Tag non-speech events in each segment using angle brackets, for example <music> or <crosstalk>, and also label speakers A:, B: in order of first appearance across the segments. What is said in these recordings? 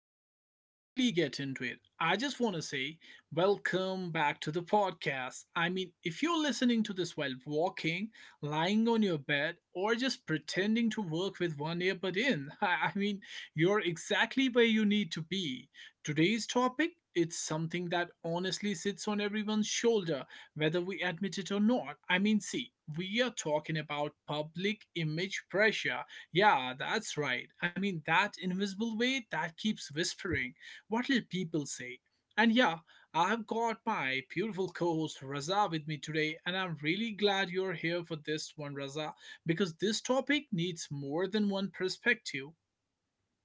A: before we really get into it, I just want to say welcome back to the podcast. I mean, if you're listening to this while walking, lying on your bed, or just pretending to work with one earbud in, <laughs> I mean, you're exactly where you need to be. Today's topic, it's something that honestly sits on everyone's shoulder, whether we admit it or not. I mean, see, we are talking about public image pressure, yeah, that's right. I mean, that invisible weight that keeps whispering. What'll people say? And yeah, I've got my beautiful co host Raza with me today, and I'm really glad you're here for this one, Raza, because this topic needs more than one perspective.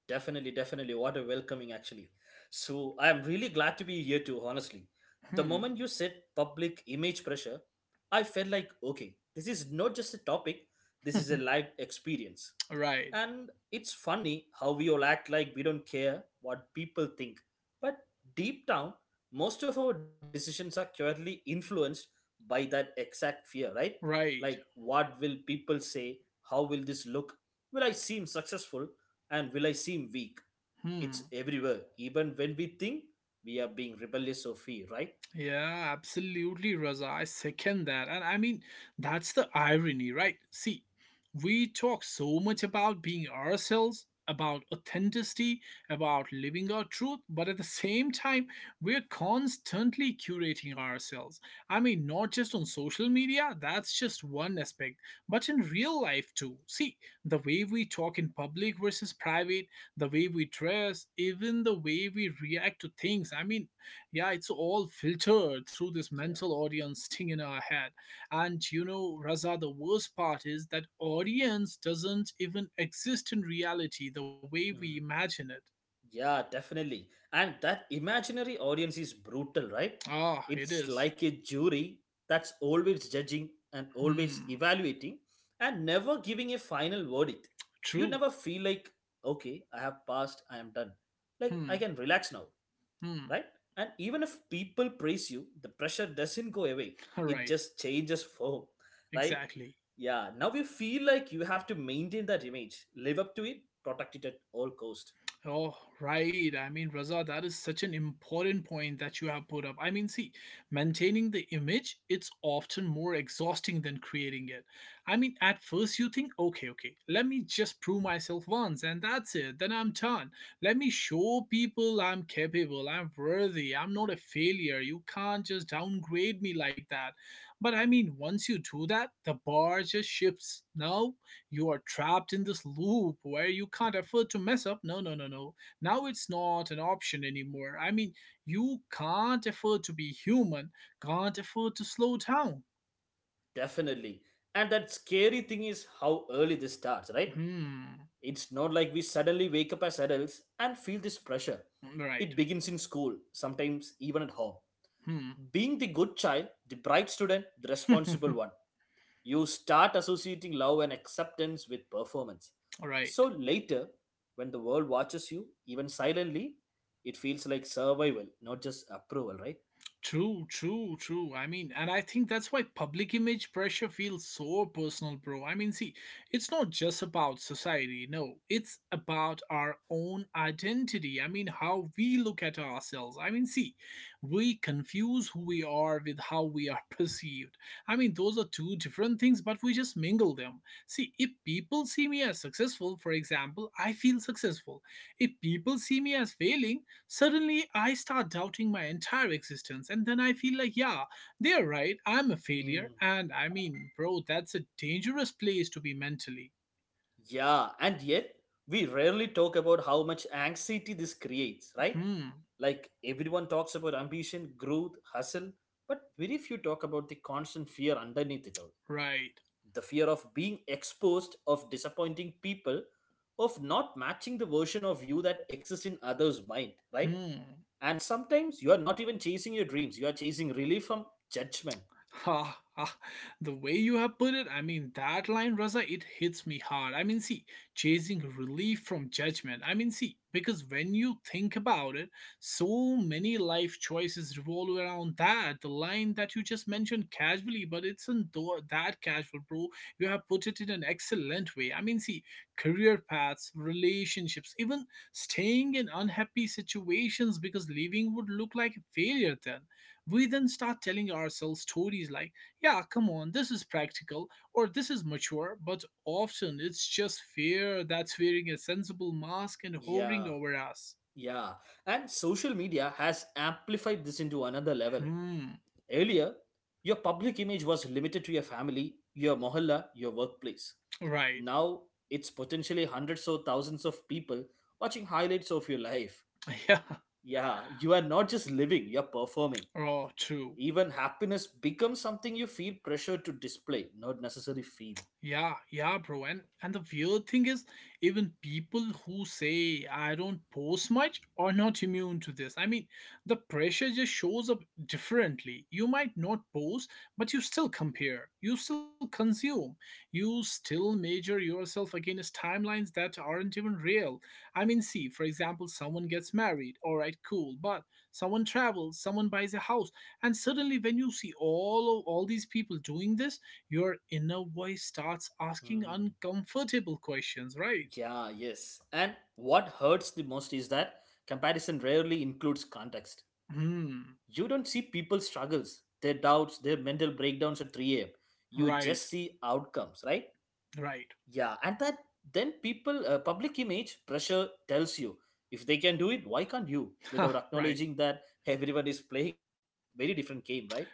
B: Definitely, definitely. What a welcoming, actually. So, I am really glad to be here too, honestly. The
A: Hmm.
B: moment you said public image pressure, I felt like, okay, this is not just a topic, this is a
A: <laughs>
B: live experience.
A: Right,
B: And it's funny how we all act like we don't care what people think. But deep down, most of our decisions are purely influenced by that exact fear, right? Like,
A: right.
B: what will people say? How will this look? Will I seem successful? And will I seem weak? It's
A: Hmm.
B: everywhere, even when we think we are being rebellious or fear, right?
A: Yeah, absolutely, Raza. I second that. And I mean, that's the irony, right? See, we talk so much about being ourselves, about authenticity, about living our truth, but at the same time, we're constantly curating ourselves. I mean, not just on social media, that's just one aspect, but in real life too. See, the way we talk in public versus private, the way we dress, even the way we react to things. I mean, yeah, it's all filtered through this
B: Yeah.
A: mental audience <laughs> thing in our head. And you know, Raza, the worst part is that audience doesn't even exist in reality the way we
B: Mm.
A: imagine it.
B: Yeah, definitely. And that imaginary audience is brutal, right?
A: Ah, it
B: It's
A: is.
B: like a jury that's always judging and always
A: Hmm.
B: evaluating and never giving a final verdict. You
A: True.
B: never feel like, okay, I have passed, I am done. Like, I
A: Hmm.
B: can relax now,
A: Hmm.
B: right? And even if people praise you, the pressure doesn't go away.
A: <laughs>
B: It
A: Right.
B: just changes form, right?
A: Exactly.
B: Yeah, now you feel like you have to maintain that image, live up to it, protect it at all cost.
A: Oh, right. I mean, Raza, that is such an important point that you have put up. I mean, see, maintaining the image, it's often more exhausting than creating it. I mean, at first you think, okay, okay, let me just prove myself once and that's it. Then I'm done. Let me show people I'm capable, I'm worthy, I'm not a failure. You can't just downgrade me like that. But I mean, once you do that, the bar just shifts. Now you are trapped in this loop where you can't afford to mess up. No, no, no, no. Now it's not an option anymore. I mean, you can't afford to be human, can't afford to slow down.
B: Definitely. And that scary thing is how early this starts, right?
A: Hmm.
B: It's not like we suddenly wake up as adults and feel this pressure.
A: Right.
B: It begins in school, sometimes even at home.
A: Hmm.
B: Being the good child, the bright student, the responsible
A: <laughs>
B: one. You start associating love and acceptance with performance. So
A: Right.
B: later, when the world watches you, even silently, it feels like survival, not just approval, right?
A: True, true, true. I mean, and I think that's why public image pressure feels so personal, bro. I mean, see, it's not just about society, no, it's about our own identity. I mean, how we look at ourselves. I mean, see, we confuse who we are with how we are <laughs> perceived. I mean, those are two different things, but we just mingle them. See, if people see me as successful, for example, I feel successful. If people see me as failing, suddenly, I start doubting my entire existence, and then I feel like, yeah, they're right, I'm a
B: Hmm.
A: failure. And I mean, bro, that's a dangerous place to be mentally.
B: Yeah, and yet we rarely talk about how much anxiety this creates, right?
A: Hmm,
B: Like everyone talks about ambition, growth, hustle, but very few talk about the constant fear underneath it all.
A: right.
B: The fear of being exposed, of disappointing people, of not matching the version of you that exists in others' mind, right?
A: Hmm.
B: And sometimes you are not even chasing your dreams, you are chasing relief from judgment.
A: Ha ha. The way you have put it, I mean, that line, Raza, it hits me hard. I mean, see, chasing relief from judgment. I mean, see, because when you think about it, so many life choices revolve around that. The line that you just mentioned casually, but it's not that casual, bro. You have put it in an excellent way. I mean, see, career paths, relationships, even staying in unhappy situations because leaving would look like a failure. Then we then start telling ourselves stories like, yeah, come on, this is practical or this is mature, but often it's just fear that's wearing a sensible mask and hovering
B: Yeah,
A: over us.
B: yeah. And social media has amplified this into another level.
A: Hmm,
B: Earlier, your public image was limited to your family, your mohalla, your workplace.
A: right.
B: Now, it's potentially hundreds or thousands of people watching highlights of your life.
A: <laughs> Yeah,
B: Yeah, you are not just living, you're performing.
A: oh, true.
B: Even happiness becomes something you feel pressure to display, not necessarily feel.
A: Yeah, yeah, bro. And the weird thing is, even people who say I don't post much are not immune to this. I mean, the pressure just shows up differently. You might not post, but you still compare. You still consume. You still measure yourself against timelines that aren't even real. I mean, see, for example, someone gets married. All right, cool. But someone travels, someone buys a house, and suddenly when you see all of all these people doing this, your inner voice starts asking
B: Hmm.
A: uncomfortable questions, right?
B: Yeah, yes. And what hurts the most is that comparison rarely includes context.
A: Hmm,
B: You don't see people's struggles, their doubts, their mental breakdowns at 3 a.m. You just
A: right,
B: see outcomes, right?
A: right,
B: Yeah, and that then people, public image pressure tells you if they can do it, why can't you?
A: <laughs> huh,
B: Without
A: right.
B: acknowledging that everyone is playing a different, very different game, right?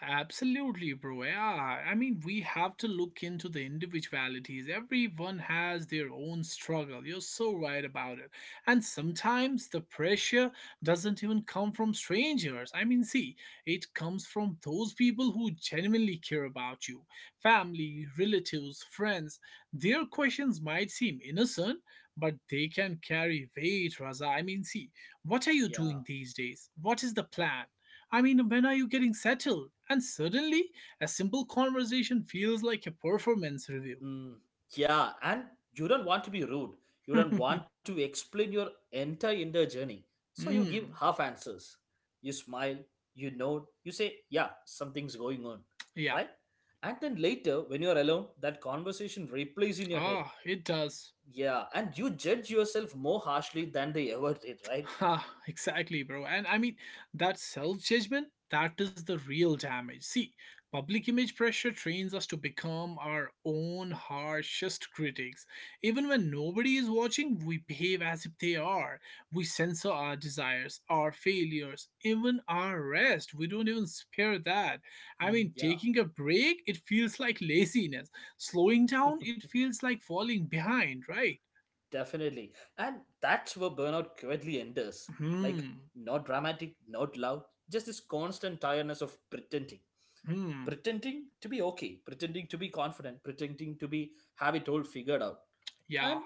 A: Absolutely, bro. Yeah, I mean, we have to look into the individualities. Everyone has their own struggle. You're so right about it. And sometimes the pressure doesn't even come from strangers. I mean, see, it comes from those people who genuinely care about you, family, relatives, friends. Their questions might seem innocent, but they can carry weight, Raza. I mean, see, what are you
B: Yeah.
A: doing these days? What is the plan? I mean, when are you getting settled? And suddenly, a simple conversation feels like a performance review.
B: Mm, yeah. And you don't want to be rude. You don't
A: <laughs>
B: want to explain your entire inner journey. So you give
A: Hmm.
B: half answers. You smile, you nod, you say, yeah, something's going on.
A: Yeah.
B: Right? And then later, when you're alone, that conversation replays in your head.
A: Ah, it does.
B: Yeah. And you judge yourself more harshly than they ever did, right?
A: Ha, exactly, bro. And I mean, that self judgment, that is the real damage. See, public image pressure trains us to become our own harshest critics. Even when nobody is watching, we behave as if they are. We censor our desires, our failures, even our rest. We don't even spare that. I
B: Mm,
A: mean,
B: yeah.
A: taking a break, it feels like laziness. Slowing down, it
B: <laughs>
A: feels like falling behind, right?
B: Definitely. And that's where burnout quietly enters. Like,
A: Hmm.
B: not dramatic, not loud, just this constant tiredness of pretending.
A: Hmm.
B: Pretending to be okay, pretending to be confident, pretending to be have it all figured out.
A: Yeah.
B: And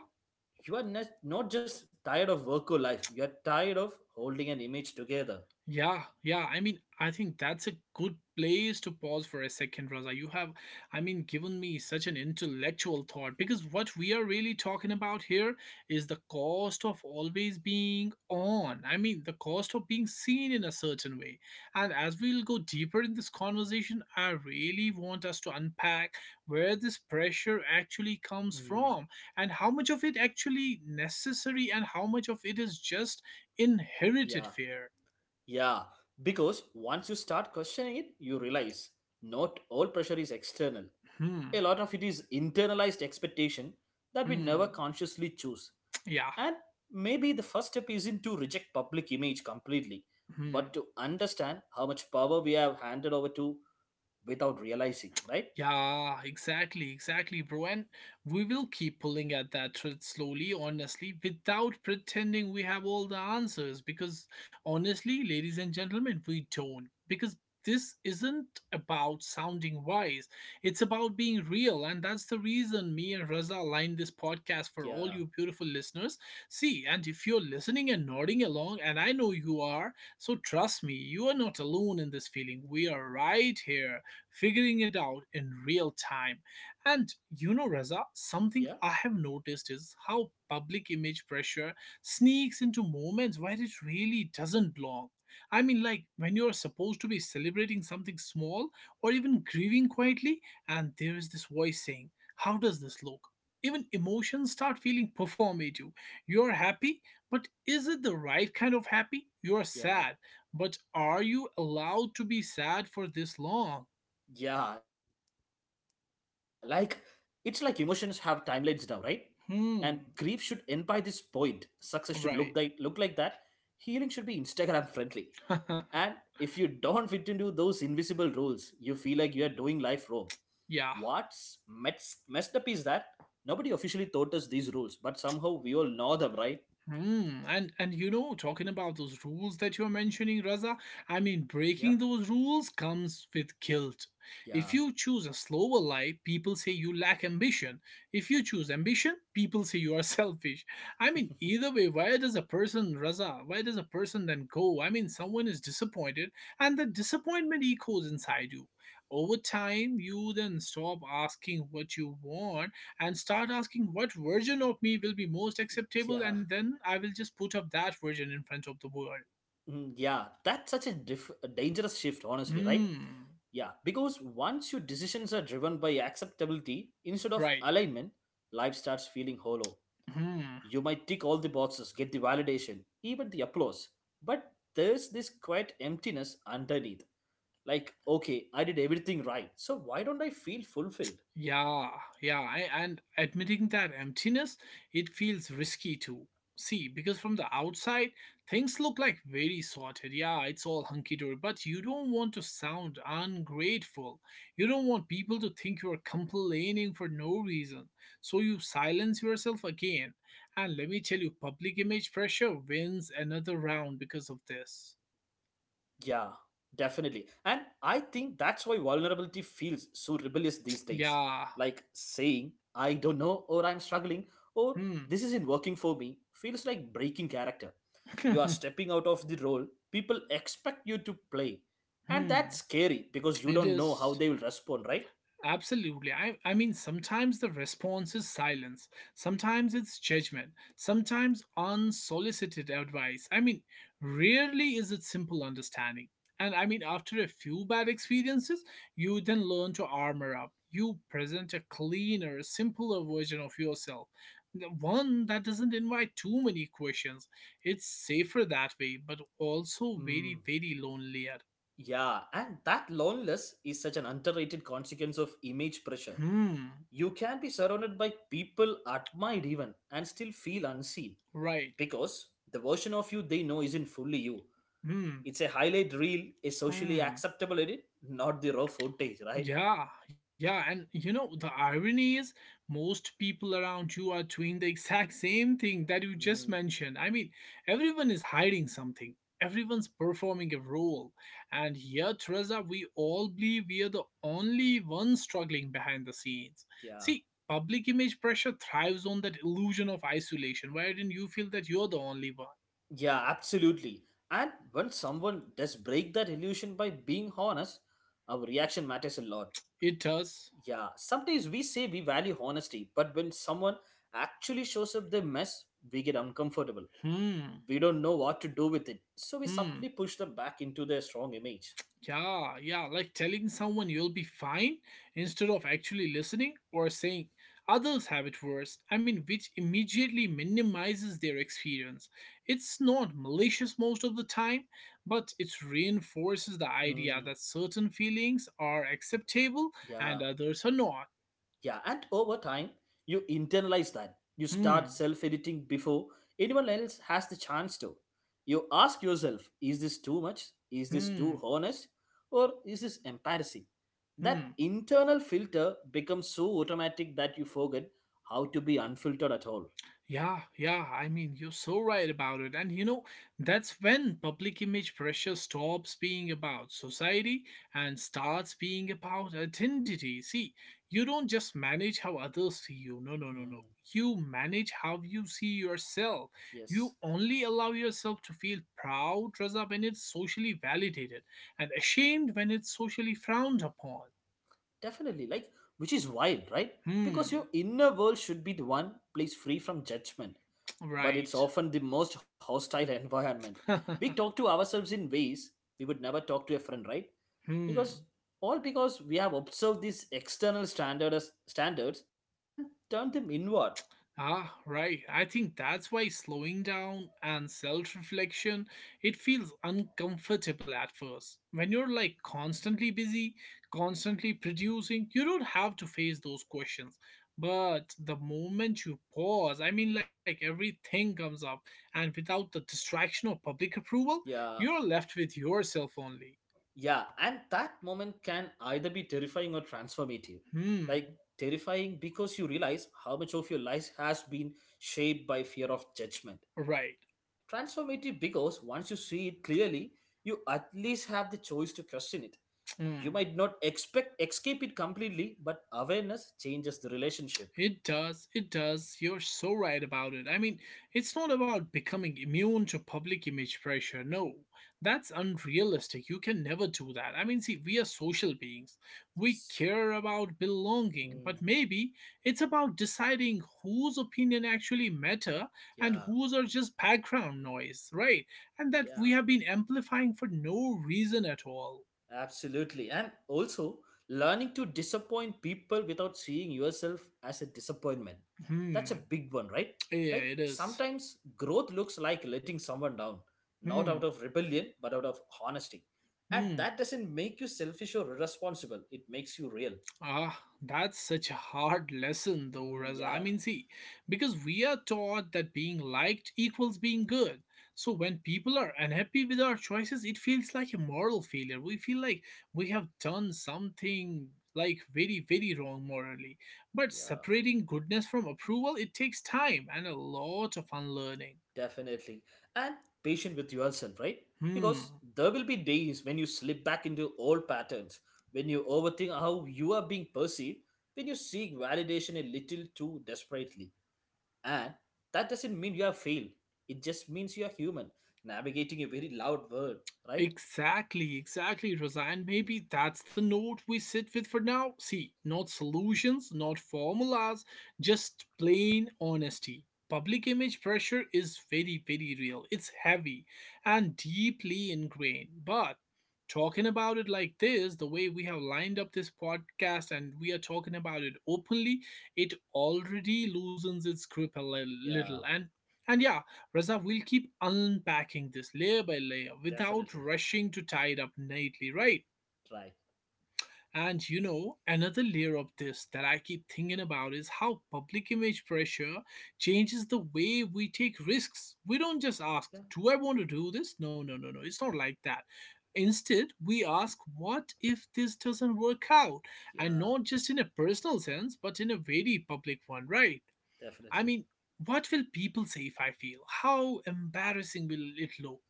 B: you are not just tired of work or life, you are tired of holding an image together.
A: Yeah, yeah. I mean, I think that's a good place to pause for a second, Raza. You have, I mean, given me such an intellectual thought because what we are really talking about here is the cost of always being on. I mean, the cost of being seen in a certain way. And as we'll go deeper in this conversation, I really want us to unpack where this pressure actually comes
B: Mm,
A: from, and how much of it actually necessary and how much of it is just inherited
B: yeah,
A: fear.
B: yeah. Because once you start questioning it, you realize not all pressure is external.
A: Hmm.
B: A lot of it is internalized expectation that we never
A: Hmm.
B: consciously choose.
A: Yeah.
B: And maybe the first step isn't to reject public image completely,
A: Hmm.
B: but to understand how much power we have handed over to without realizing, right?
A: Yeah, exactly, exactly, bro. And we will keep pulling at that thread slowly, honestly, without pretending we have all the answers. Because honestly, ladies and gentlemen, we don't. Because this isn't about sounding wise, it's about being real. And that's the reason me and Raza aligned this podcast for all
B: Yeah,
A: you beautiful listeners. See, and if you're listening and nodding along, and I know you are, so trust me, you are not alone in this feeling. We are right here figuring it out in real time. And you know, Reza, something
B: yeah,
A: I have noticed is how public image pressure sneaks into moments where it really doesn't belong. I mean, like when you're supposed to be celebrating something small or even grieving quietly, and there is this voice saying, how does this look? Even emotions start feeling performative. You're happy, but is it the right kind of happy? You're
B: yeah,
A: sad, but are you allowed to be sad for this long?
B: yeah. Like, it's like emotions have timelines now, right? And grief should
A: Hmm.
B: end by this point. Success should look like
A: Right.
B: that. Healing should be Instagram friendly. And
A: <laughs>
B: if you don't fit into those invisible roles, you feel like you are doing life wrong.
A: Yeah.
B: What's messed up is that nobody officially taught us these rules, but somehow we all know them, right?
A: Hmm. And you know, talking about those rules that you're mentioning, Raza, I mean,
B: Yeah,
A: breaking those rules comes with guilt. If
B: yeah,
A: you choose a slower life, people say you lack ambition. If you choose ambition, people say you are <laughs> selfish. I mean, either way, why does a person, Raza, why does a person then go? I mean, someone is disappointed, and the disappointment echoes inside you. Over time, you then stop asking what you want and start asking what version of me will be most
B: <laughs>
A: acceptable,
B: yeah,
A: and then I will just put up that version in front of the world.
B: Mm, yeah. That's such a, a dangerous shift, honestly, right?
A: Hmm,
B: Yeah, because once your decisions are driven by acceptability instead of
A: right.
B: alignment, life starts feeling hollow.
A: Hmm.
B: You might tick all the boxes, get the validation, even the applause, but there's this quiet emptiness underneath, like, okay, I did everything right, so why don't I feel fulfilled?
A: Yeah, yeah, I, and admitting that emptiness, it feels risky to see because from the outside, things look like very sorted. Yeah, it's all hunky dory, but you don't want to sound ungrateful. You don't want people to think you are complaining for no reason. So you silence yourself again. And let me tell you, public image pressure wins another round because of
B: Yeah,
A: this.
B: definitely. And I think that's why vulnerability feels so rebellious these days, like
A: Yeah,
B: saying I don't know, or I'm struggling, or this
A: hmm,
B: isn't working for me feels like breaking character. You are
A: <laughs>
B: stepping out of the role people expect you to play, and that's
A: hmm,
B: scary because you
A: it
B: don't know how
A: is.
B: they will respond, right?
A: Absolutely. I mean, sometimes the response is silence, sometimes it's judgment, sometimes unsolicited advice. I mean, rarely is it simple understanding. And I mean, after a few bad experiences, you then learn to armor up. You present a cleaner, simpler version of yourself. The one that doesn't invite too many questions. It's safer that way, but also
B: Mm.
A: very, very lonelier.
B: Yeah, and that loneliness is such an underrated consequence of image pressure.
A: Hmm,
B: You can be surrounded by people admired even and still feel unseen
A: right.
B: because the version of you they know isn't fully you.
A: Hmm,
B: It's a highlight reel, a socially
A: hmm.
B: acceptable edit, not the raw footage, right?
A: Yeah, yeah, and you know, the irony is most people around you are doing the exact same thing that you
B: Mm,
A: just mentioned. I mean, everyone is hiding something, everyone's performing a role. And here, Teresa, we all believe we are the only ones struggling behind the scenes.
B: yeah.
A: See, public image pressure thrives on that illusion of isolation, wherein you feel that you're the only one.
B: Yeah, absolutely. And when someone does break that illusion by being honest, our reaction matters a lot.
A: It does.
B: Yeah, sometimes we say we value honesty, but when someone actually shows up their mess, we get uncomfortable.
A: Hmm.
B: We don't know what to do with it, so we
A: Hmm.
B: subtly push them back into their strong image.
A: Yeah, yeah, like telling someone you'll be fine instead of actually listening or saying others have it worse. I mean, which immediately minimizes their experience. It's not malicious most of the time, but it reinforces the idea
B: Mm,
A: that certain feelings are acceptable
B: yeah.
A: and others are not.
B: Yeah, and over time, you internalize that. You start
A: Hmm,
B: self editing before anyone else has the chance to. You ask yourself, is this too much? Is this too
A: hmm,
B: honest? Or is this embarrassing? That
A: hmm.
B: internal filter becomes so automatic that you forget how to be unfiltered at all.
A: Yeah, yeah, I mean, you're so right about it. And you know, that's when public image pressure stops being about society and starts being about identity. See, you don't just manage how others see you. No, no, no, no.
B: Mm,
A: You manage how you see yourself.
B: yes,
A: You only allow yourself to feel proud, Raza, when it's socially validated, and ashamed when it's socially frowned upon.
B: definitely. Like, which is wild, right? Because
A: Hmm.
B: your inner world should be the one place free from judgment
A: <tsk>
B: but
A: Right.
B: it's often the most hostile environment. We talk
A: <laughs>
B: to ourselves in ways we would never talk to a friend, right?
A: Hmm.
B: Because all because we have observed these external standards and turned them inward.
A: Ah, right. I think that's why slowing down and self-reflection, it feels uncomfortable at first. When you're like constantly busy, constantly producing, you don't have to face those questions. But the moment you pause, I mean like everything comes up, and without the distraction of public approval,
B: Yeah,
A: you're left with yourself only.
B: yeah, and that moment can either be terrifying or transformative.
A: Hmm.
B: Like terrifying because you realize how much of your life has been shaped by fear of judgment.
A: Right.
B: Transformative because once you see it clearly, you at least have the choice to question it.
A: Hmm.
B: You might not expect escape it completely, but awareness changes the relationship.
A: It does. It does. You're so right about it. I mean, it's not about becoming immune to public image pressure. No, that's unrealistic. You can never do that. I mean, see, we are social beings. We
B: Yes.
A: care about belonging, but
B: Hmm.
A: maybe it's about deciding whose opinion actually matter, and
B: Yeah.
A: whose are just background noise, right? And that we
B: Yeah.
A: have been amplifying for no reason at all.
B: Absolutely. And also, learning to disappoint people without seeing yourself as a disappointment. That's a
A: Hmm.
B: big one, right?
A: Yeah,
B: Like
A: it is.
B: sometimes growth looks like letting someone down, not out
A: Hmm.
B: of rebellion, but out of honesty. And
A: Hmm.
B: that doesn't make you selfish or irresponsible. It makes you real.
A: Ah, that's such a hard lesson, though,
B: Hmm,
A: Raza. I
B: yeah.
A: mean, see, because we are taught that being liked equals being good. So when people are unhappy with our choices, it feels like a moral failure. We feel like we have done something like very, very wrong morally. But
B: Yeah.
A: separating goodness from approval, it takes time and a lot of unlearning.
B: Definitely. And patient with yourself, right? Because
A: Hmm.
B: there will be days when you slip back into old patterns, when you overthink how you are being perceived, when you seek validation a little too desperately. And that doesn't mean you have failed, it just means you are human, navigating a very loud world, right?
A: Exactly, exactly, Razan. Maybe that's the note we sit with for now. See, not solutions, not formulas, just plain honesty. Public image pressure is very, very real. It's heavy and deeply ingrained. But talking about it like this, the way we have lined up this podcast and we are talking about it openly, it already loosens its grip a little.
B: Yeah,
A: And yeah, Reza, we'll keep unpacking this layer by layer without
B: definitely.
A: rushing to tie it up neatly, right?
B: Right.
A: And you know, another layer of this that I keep thinking about is how public image pressure changes the way we take risks. We don't just ask,
B: Yeah,
A: do I want to do this? No, no, no, no. It's not like that. Instead, we ask, what if this doesn't work out? And
B: yeah,
A: not just in a personal sense, but in a very public one, right? I
B: definitely.
A: mean, what will people say if I feel? How embarrassing will it look?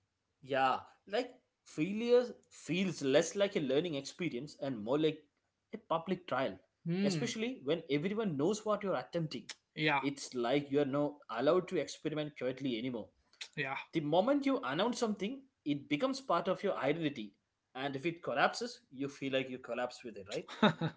B: Yeah, like failure feels less like a learning experience and more like a public trial,
A: Hmm.
B: especially when everyone knows what you're attempting.
A: Yeah,
B: It's like you're not allowed to experiment quietly anymore.
A: yeah.
B: The moment you announce something, it becomes part of your identity, and if it collapses, you feel like you collapse with it, right?
A: <laughs>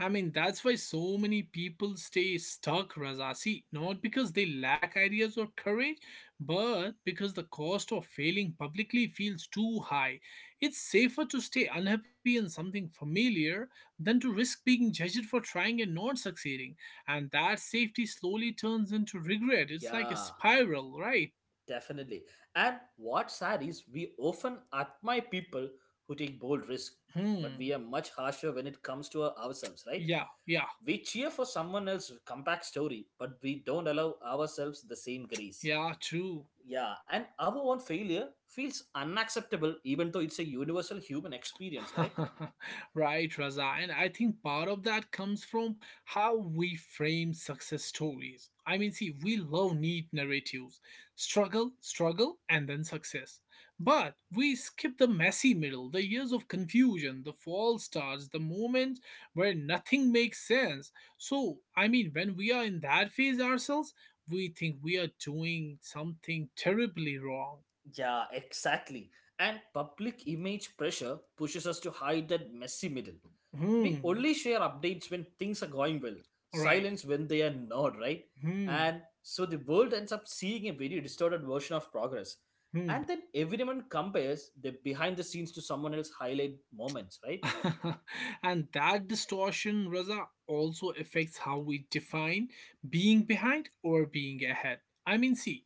A: I mean, that's why so many people stay stuck, Raza. See, not because they lack ideas or courage, but because the cost of failing publicly feels too high. It's safer to stay unhappy in something familiar than to risk being judged for trying and not succeeding. And that safety slowly turns into regret. It's like a
B: Yeah,
A: spiral, right?
B: definitely. And what's sad is we often admire people who take bold risks, but we
A: Hmm.
B: are much harsher when it comes to ourselves, right?
A: Yeah, yeah,
B: We cheer for someone else's comeback story, but we don't allow ourselves the same grace.
A: yeah, true.
B: Yeah, and our own failure feels unacceptable even though it's a universal human experience, right?
A: <laughs> Right, Raza. And I think part of that comes from how we frame success stories. I mean, see, we love neat narratives, struggle, struggle, and then success. But we skip the messy middle, the years of confusion, the false starts, the moments where nothing makes sense. So, I mean, when we are in that phase ourselves, we think we are doing something terribly wrong.
B: Yeah, exactly. And public image pressure pushes us to hide that messy middle. We
A: Hmm,
B: only share updates when things are going well,
A: right.
B: silence when they are not, right?
A: Hmm.
B: And so the world ends up seeing a very distorted version of progress.
A: Hmm.
B: And then everyone compares the behind the scenes to someone else's highlight moments, right?
A: <laughs> And that distortion, Raza, also affects how we define being behind or being ahead. I mean, see,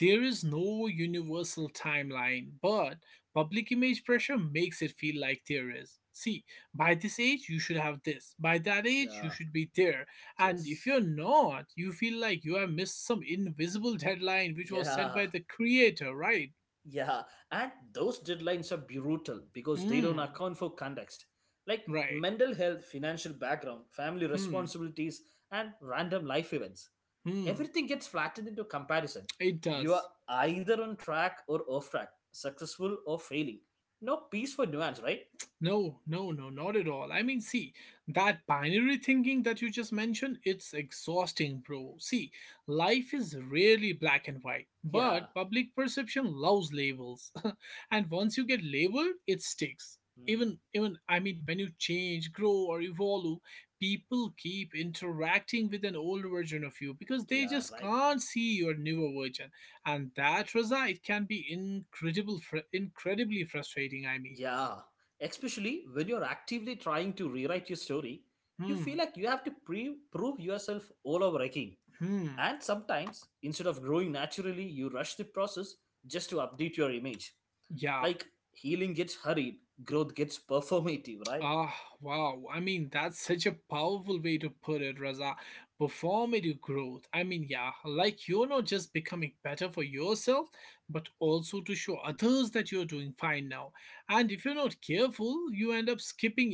A: there is no universal timeline, but public image pressure makes it feel like there is. See, by this age, you should have this. By that age, you
B: Yeah,
A: should be there. And if
B: yes.
A: you're not, you feel like you have missed some invisible deadline which was set
B: Yeah.
A: by the creator, right?
B: Yeah, and those deadlines are brutal because they
A: Hmm,
B: don't account for context, like
A: right.
B: mental health, financial background, family
A: Hmm,
B: responsibilities, and random life events.
A: hmm.
B: Everything gets flattened into comparison.
A: It
B: You are
A: does.
B: either on track or off track, successful or failing. No peace for nuance, right?
A: No, no, no, not at all. I mean, see, that binary thinking that you just mentioned, it's exhausting, bro. See, life is rarely black and white,
B: Yeah.
A: but public perception loves labels. <laughs> And once you get labeled, it sticks.
B: Hmm,
A: Even I mean when you change, grow or evolve, people keep interacting with an old version of you because they
B: yeah,
A: just
B: right.
A: can't see your newer version. And that result can be incredibly frustrating, I mean.
B: Yeah, especially when you're actively trying to rewrite your story, you feel
A: Hmm.
B: like you have to prove yourself all over again.
A: Hmm.
B: And sometimes, instead of growing naturally, you rush the process just to update your image.
A: Yeah.
B: Like healing gets hurried, growth gets <laughs> performative, right?
A: Ah, wow. I mean, that's such a powerful way to put it, Raza. Performative growth. I mean, yeah. Like you're not just becoming better for yourself, but also to show others that you're doing fine now. And if you're not careful, you end up skipping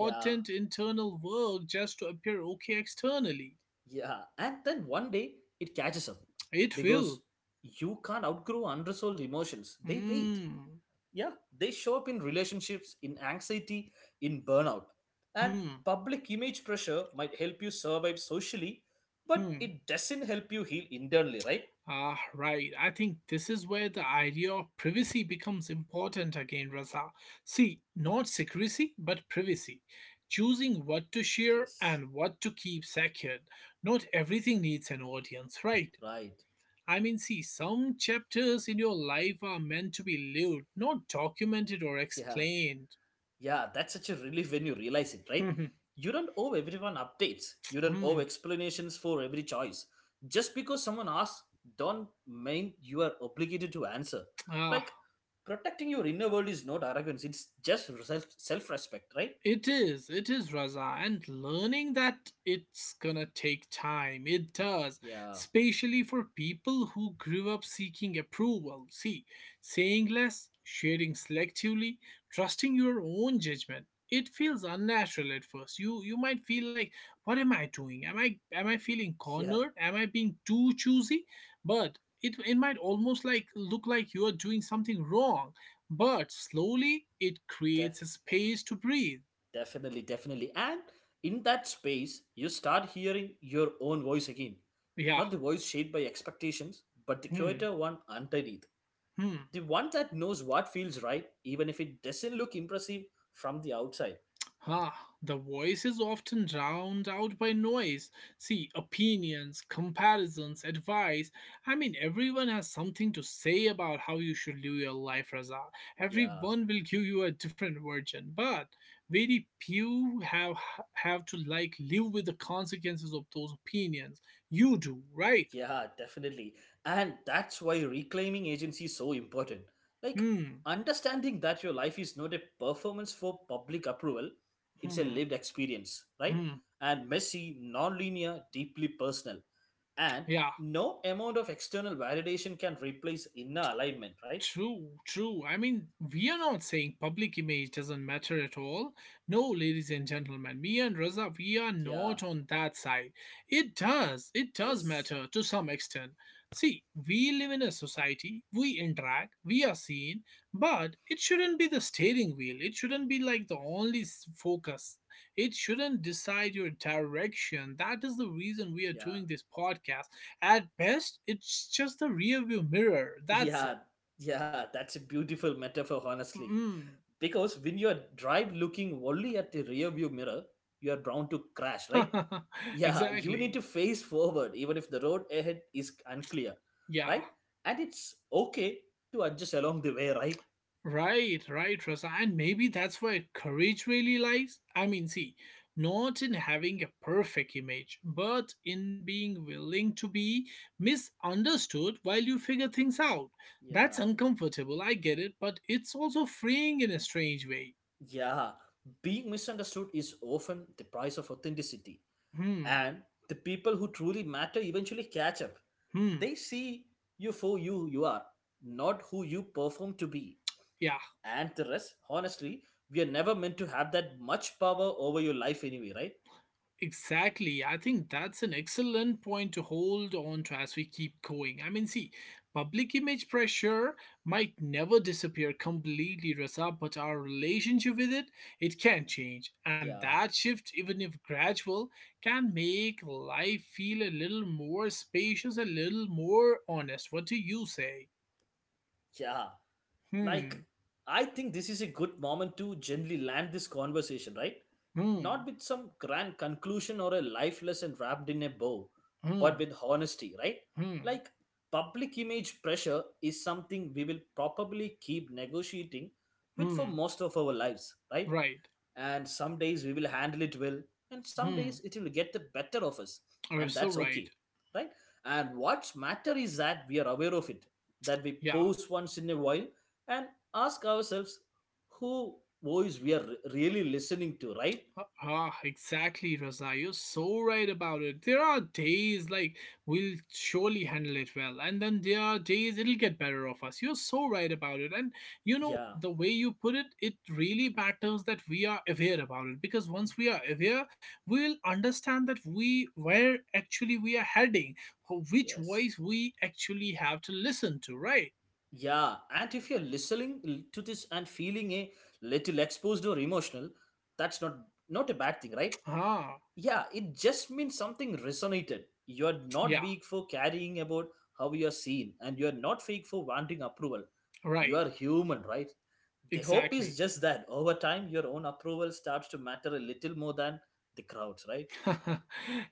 B: Yeah,
A: internal work just to appear okay externally.
B: yeah. And then one day it catches up
A: It will.
B: because you can't outgrow unresolved emotions. They wait.
A: Hmm.
B: Yeah, they show up in relationships, in anxiety, in burnout. And
A: Hmm.
B: public image pressure might help you survive socially, but
A: Hmm.
B: it doesn't help you heal internally, right?
A: Ah, right. I think this is where the idea of privacy becomes important again, Raza. See, not secrecy, but privacy. Choosing what to share
B: Yes,
A: and what to keep secured. Not everything needs an audience, right?
B: right.
A: I mean, see, some chapters in your life are meant to be lived, not documented or
B: Yeah.
A: explained.
B: Yeah, that's such a relief when you realize it, right?
A: <laughs>
B: You don't owe everyone updates. You don't owe
A: Hmm.
B: explanations for every choice. Just because someone asks, don't mean you are obligated to answer.
A: Ah,
B: Like, protecting your inner world is not arrogance, it's just self respect, right?
A: it is, it is, Raza, and learning that it's gonna take time. It does,
B: Yeah,
A: especially for people who grew up seeking approval. See, saying less, sharing selectively, trusting your own judgment. It feels unnatural at first. You might feel like, what am I doing? Am I feeling
B: <laughs> yeah,
A: cornered? Am I being too choosy? But it might almost like look like you are doing something wrong, but slowly it
B: def-
A: creates a space to breathe.
B: definitely, definitely. And in that space, you start hearing your own voice again.
A: Yeah.
B: Not the voice shaped by expectations, but the
A: Hmm.
B: quieter one underneath.
A: Hmm.
B: The one that knows what feels right, even if it doesn't look impressive from the outside.
A: Ah, the voice is often drowned out by noise. See, opinions, comparisons, advice. I mean, everyone has something to say about how you should live your life, Raza.
B: Yeah,
A: Everyone will give you a different version, but very few have to like live with the consequences of those opinions. You do, right?
B: yeah, definitely. And that's why reclaiming agency is so important. Like,
A: Hmm.
B: understanding that your life is not a performance for public approval, it's a
A: Hmm.
B: lived experience, right?
A: Hmm.
B: And messy, non linear, deeply personal. And
A: Yeah.
B: no amount of external validation can replace inner alignment, right?
A: True, true. I mean, we are not saying public image doesn't matter at all. No, ladies and gentlemen, me and Raza, we are
B: Yeah,
A: not on that side. It does
B: yes,
A: matter to some extent. See, we live in a society, we interact, we are seen, but it shouldn't be the steering wheel. It shouldn't be like the only focus. It shouldn't decide your direction. That is the reason we are
B: yeah,
A: doing this podcast. At best, it's just a rear view mirror.
B: <laughs>
A: That's
B: yeah,
A: it.
B: yeah, that's a beautiful metaphor, honestly.
A: Mm.
B: Because when you are drive looking only at the rear view mirror, you are bound to crash, right?
A: <laughs>
B: Yeah, you need
A: Exactly.
B: to face forward even if the road ahead is unclear,
A: Yeah.
B: right? And it's okay to adjust along the way, right?
A: Right, right, Rasa. And maybe that's where courage really lies. I mean, see, not in having a perfect image, but in being willing to be misunderstood while you figure things out. That's
B: Yeah,
A: uncomfortable, I get it, but it's also freeing in a strange way.
B: yeah, being misunderstood is often the price of authenticity,
A: Hmm,
B: and the people who truly matter eventually catch up.
A: hmm,
B: They see you for you you are, not who you perform to be.
A: yeah.
B: And the rest, honestly, we are never meant to have that much power over your life anyway, right?
A: Exactly. I think that's an excellent point to hold on to as we keep going. I mean, see, public image pressure might never disappear completely, Rasa, but our relationship with it, it can change. And
B: Yeah,
A: that shift, even if gradual, can make life feel a little more spacious, a little more honest. What do you say?
B: yeah. Like,
A: Hmm,
B: I think this is a good moment to gently land this conversation, right?
A: hmm,
B: Not with some grand conclusion or a life lesson wrapped in a bow,
A: hmm,
B: but with honesty, right?
A: hmm,
B: Like, public image pressure is something we will probably keep negotiating with for
A: hmm.
B: most of our lives, right?
A: Right.
B: And some days we will handle it well, and some days
A: Hmm.
B: it will get the better of us.
A: You're
B: And
A: so
B: that's okay,
A: right.
B: right? And what's matter is that we are aware of it, that we
A: Yeah.
B: pause once in a while and ask ourselves who voice we are really listening to, right?
A: Ah, exactly, Raza. You're so right about it. There are days like we'll surely handle it well, and then there are days it'll get better of us. You're so right about it. And you know,
B: Yeah,
A: the way you put it, it really matters that we are aware about it, because once we are aware, we'll understand that we where actually we are heading, which
B: yes,
A: voice we actually have to listen to, right?
B: yeah. And if you're listening to this and feeling a little exposed or emotional, that's not a bad thing, right?
A: Ah,
B: Yeah, it just means something resonated. You're
A: yeah,
B: not weak for carrying about how you're seen, and you're not fake for wanting approval. You
A: right.
B: are human, right? The hope is
A: Exactly.
B: just that over time, your own approval starts to matter a little more than the crowds, right?
A: <laughs>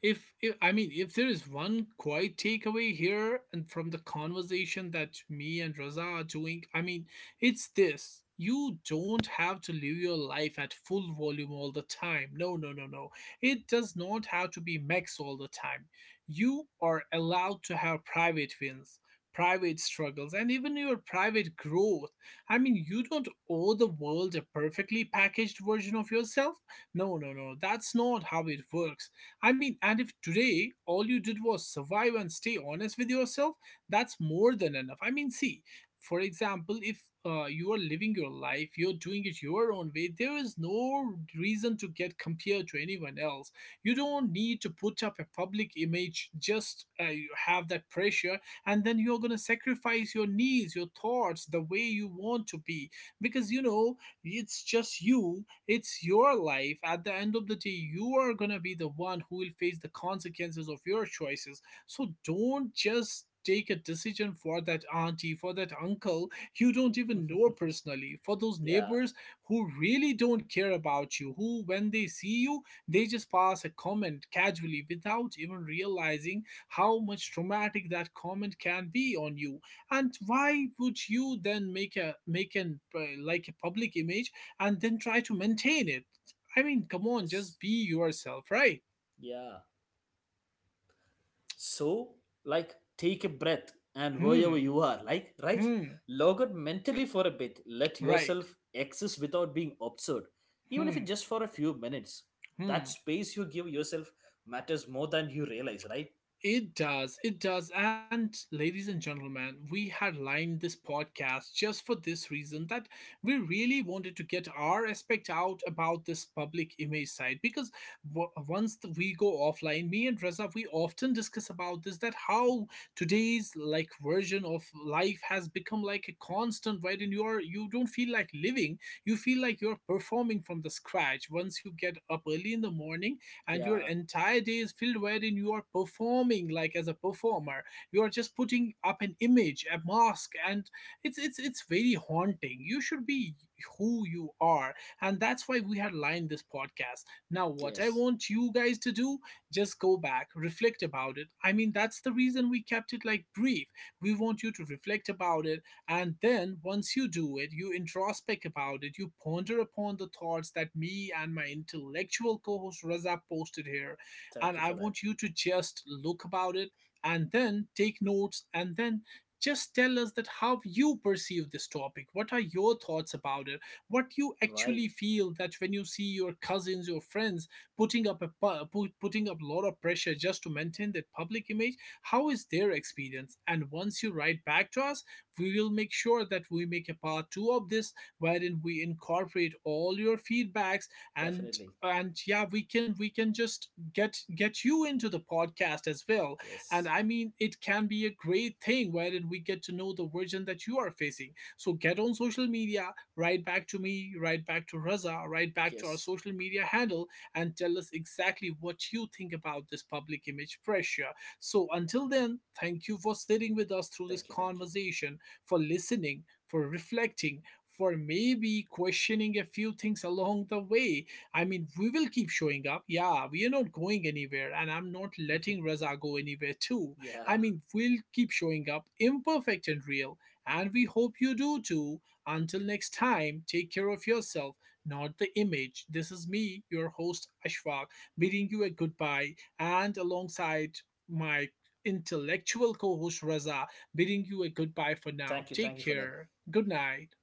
A: If I mean, if there is one quiet takeaway here and from the conversation that me and Raza are doing, I mean, it's this. You don't have to live your life at full volume all the time. No, no, no, no. It does not have to be max all the time. You are allowed to have private wins, private struggles, and even your private growth. I mean, you don't owe the world a perfectly packaged version of yourself, no, no, no, that's not how it works. I mean, and if today all you did was survive and stay honest with yourself, that's more than enough. I mean, see, for example, if you are living your life, you're doing it your own way, there is no reason to get compared to anyone else. You don't need to put up a public image, just you have that pressure, and then you're going to sacrifice your needs, your thoughts, the way you want to be. Because, you know, it's just you, it's your life. At the end of the day, you are going to be the one who will face the consequences of your choices. So don't just take a decision for that auntie, for that uncle you don't even know
B: <laughs>
A: personally, for those
B: Yeah,
A: neighbors who really don't care about you, who, when they see you, they just pass a comment casually without even realizing how much traumatic that comment can be on you, and why would you then make an like a public image, and then try to maintain it. I mean, come on,
B: yes,
A: just be yourself, right?
B: yeah. So, like, take a breath and wherever
A: Hmm.
B: you are, like, right?
A: Hmm.
B: Log out mentally for a bit. Let
A: Right.
B: yourself exist without being absurd, even if
A: Hmm.
B: it's just for a few minutes. That
A: Hmm.
B: space you give yourself matters more than you realize, right?
A: It does, it does. And ladies and gentlemen, we had lined this podcast just for this reason, that we really wanted to get our aspect out about this public image side, because once we go offline, me and Reza, we often discuss about this, that how today's like version of life has become like a constant, right? And you don't feel like living, you feel like you're performing from the scratch. Once you get up early in the morning, and your
B: Yeah,
A: entire day is filled wherein you are performing like as a performer, you are just putting up an image, a mask, and it's very haunting. You should be who you are, and that's why we had lined this podcast. Now what I
B: yes.
A: want you guys to do, just go back, reflect about it. I mean, that's the reason we kept it like brief. We want you to reflect about it, and then once you do it, you introspect about it, you ponder upon the thoughts that me and my intellectual co host Raza posted here.
B: Thank
A: And
B: you
A: I
B: for that.
A: want you to just look about it and then take notes, and then just tell us that how you perceive this topic, what are your thoughts about it, what you
B: Right,
A: actually feel that when you see your cousins, your friends putting up putting up a lot of pressure just to maintain that public image, how is their experience. And once you write back to us, we will make sure that we make a part two of this wherein we incorporate all your feedbacks. and
B: definitely.
A: and yeah, we can just get you into the podcast as well. And
B: Yes,
A: I mean, it can be a great thing wherein we get to know the version that you are facing. So get on social media, write back to me, write back to Raza, write back to our
B: yes.
A: social media handle, and tell us exactly what you think about this public image pressure. So until then, thank you for sitting with us through this
B: Thank you, thank you.
A: conversation, for listening, for reflecting, for maybe questioning a few things along the way. I mean, we will keep showing up. Yeah, we are not going anywhere, and I'm not letting Raza go anywhere too.
B: <laughs> Yeah,
A: I mean, we'll keep showing up, imperfect and real, and we hope you do too. Until next time, take care of yourself, not the image. This is me, your host Ashfaq, bidding you a goodbye, and alongside my intellectual co-host Raza, bidding you a goodbye for now.
B: thank
A: Take
B: you for that.
A: care. Good night.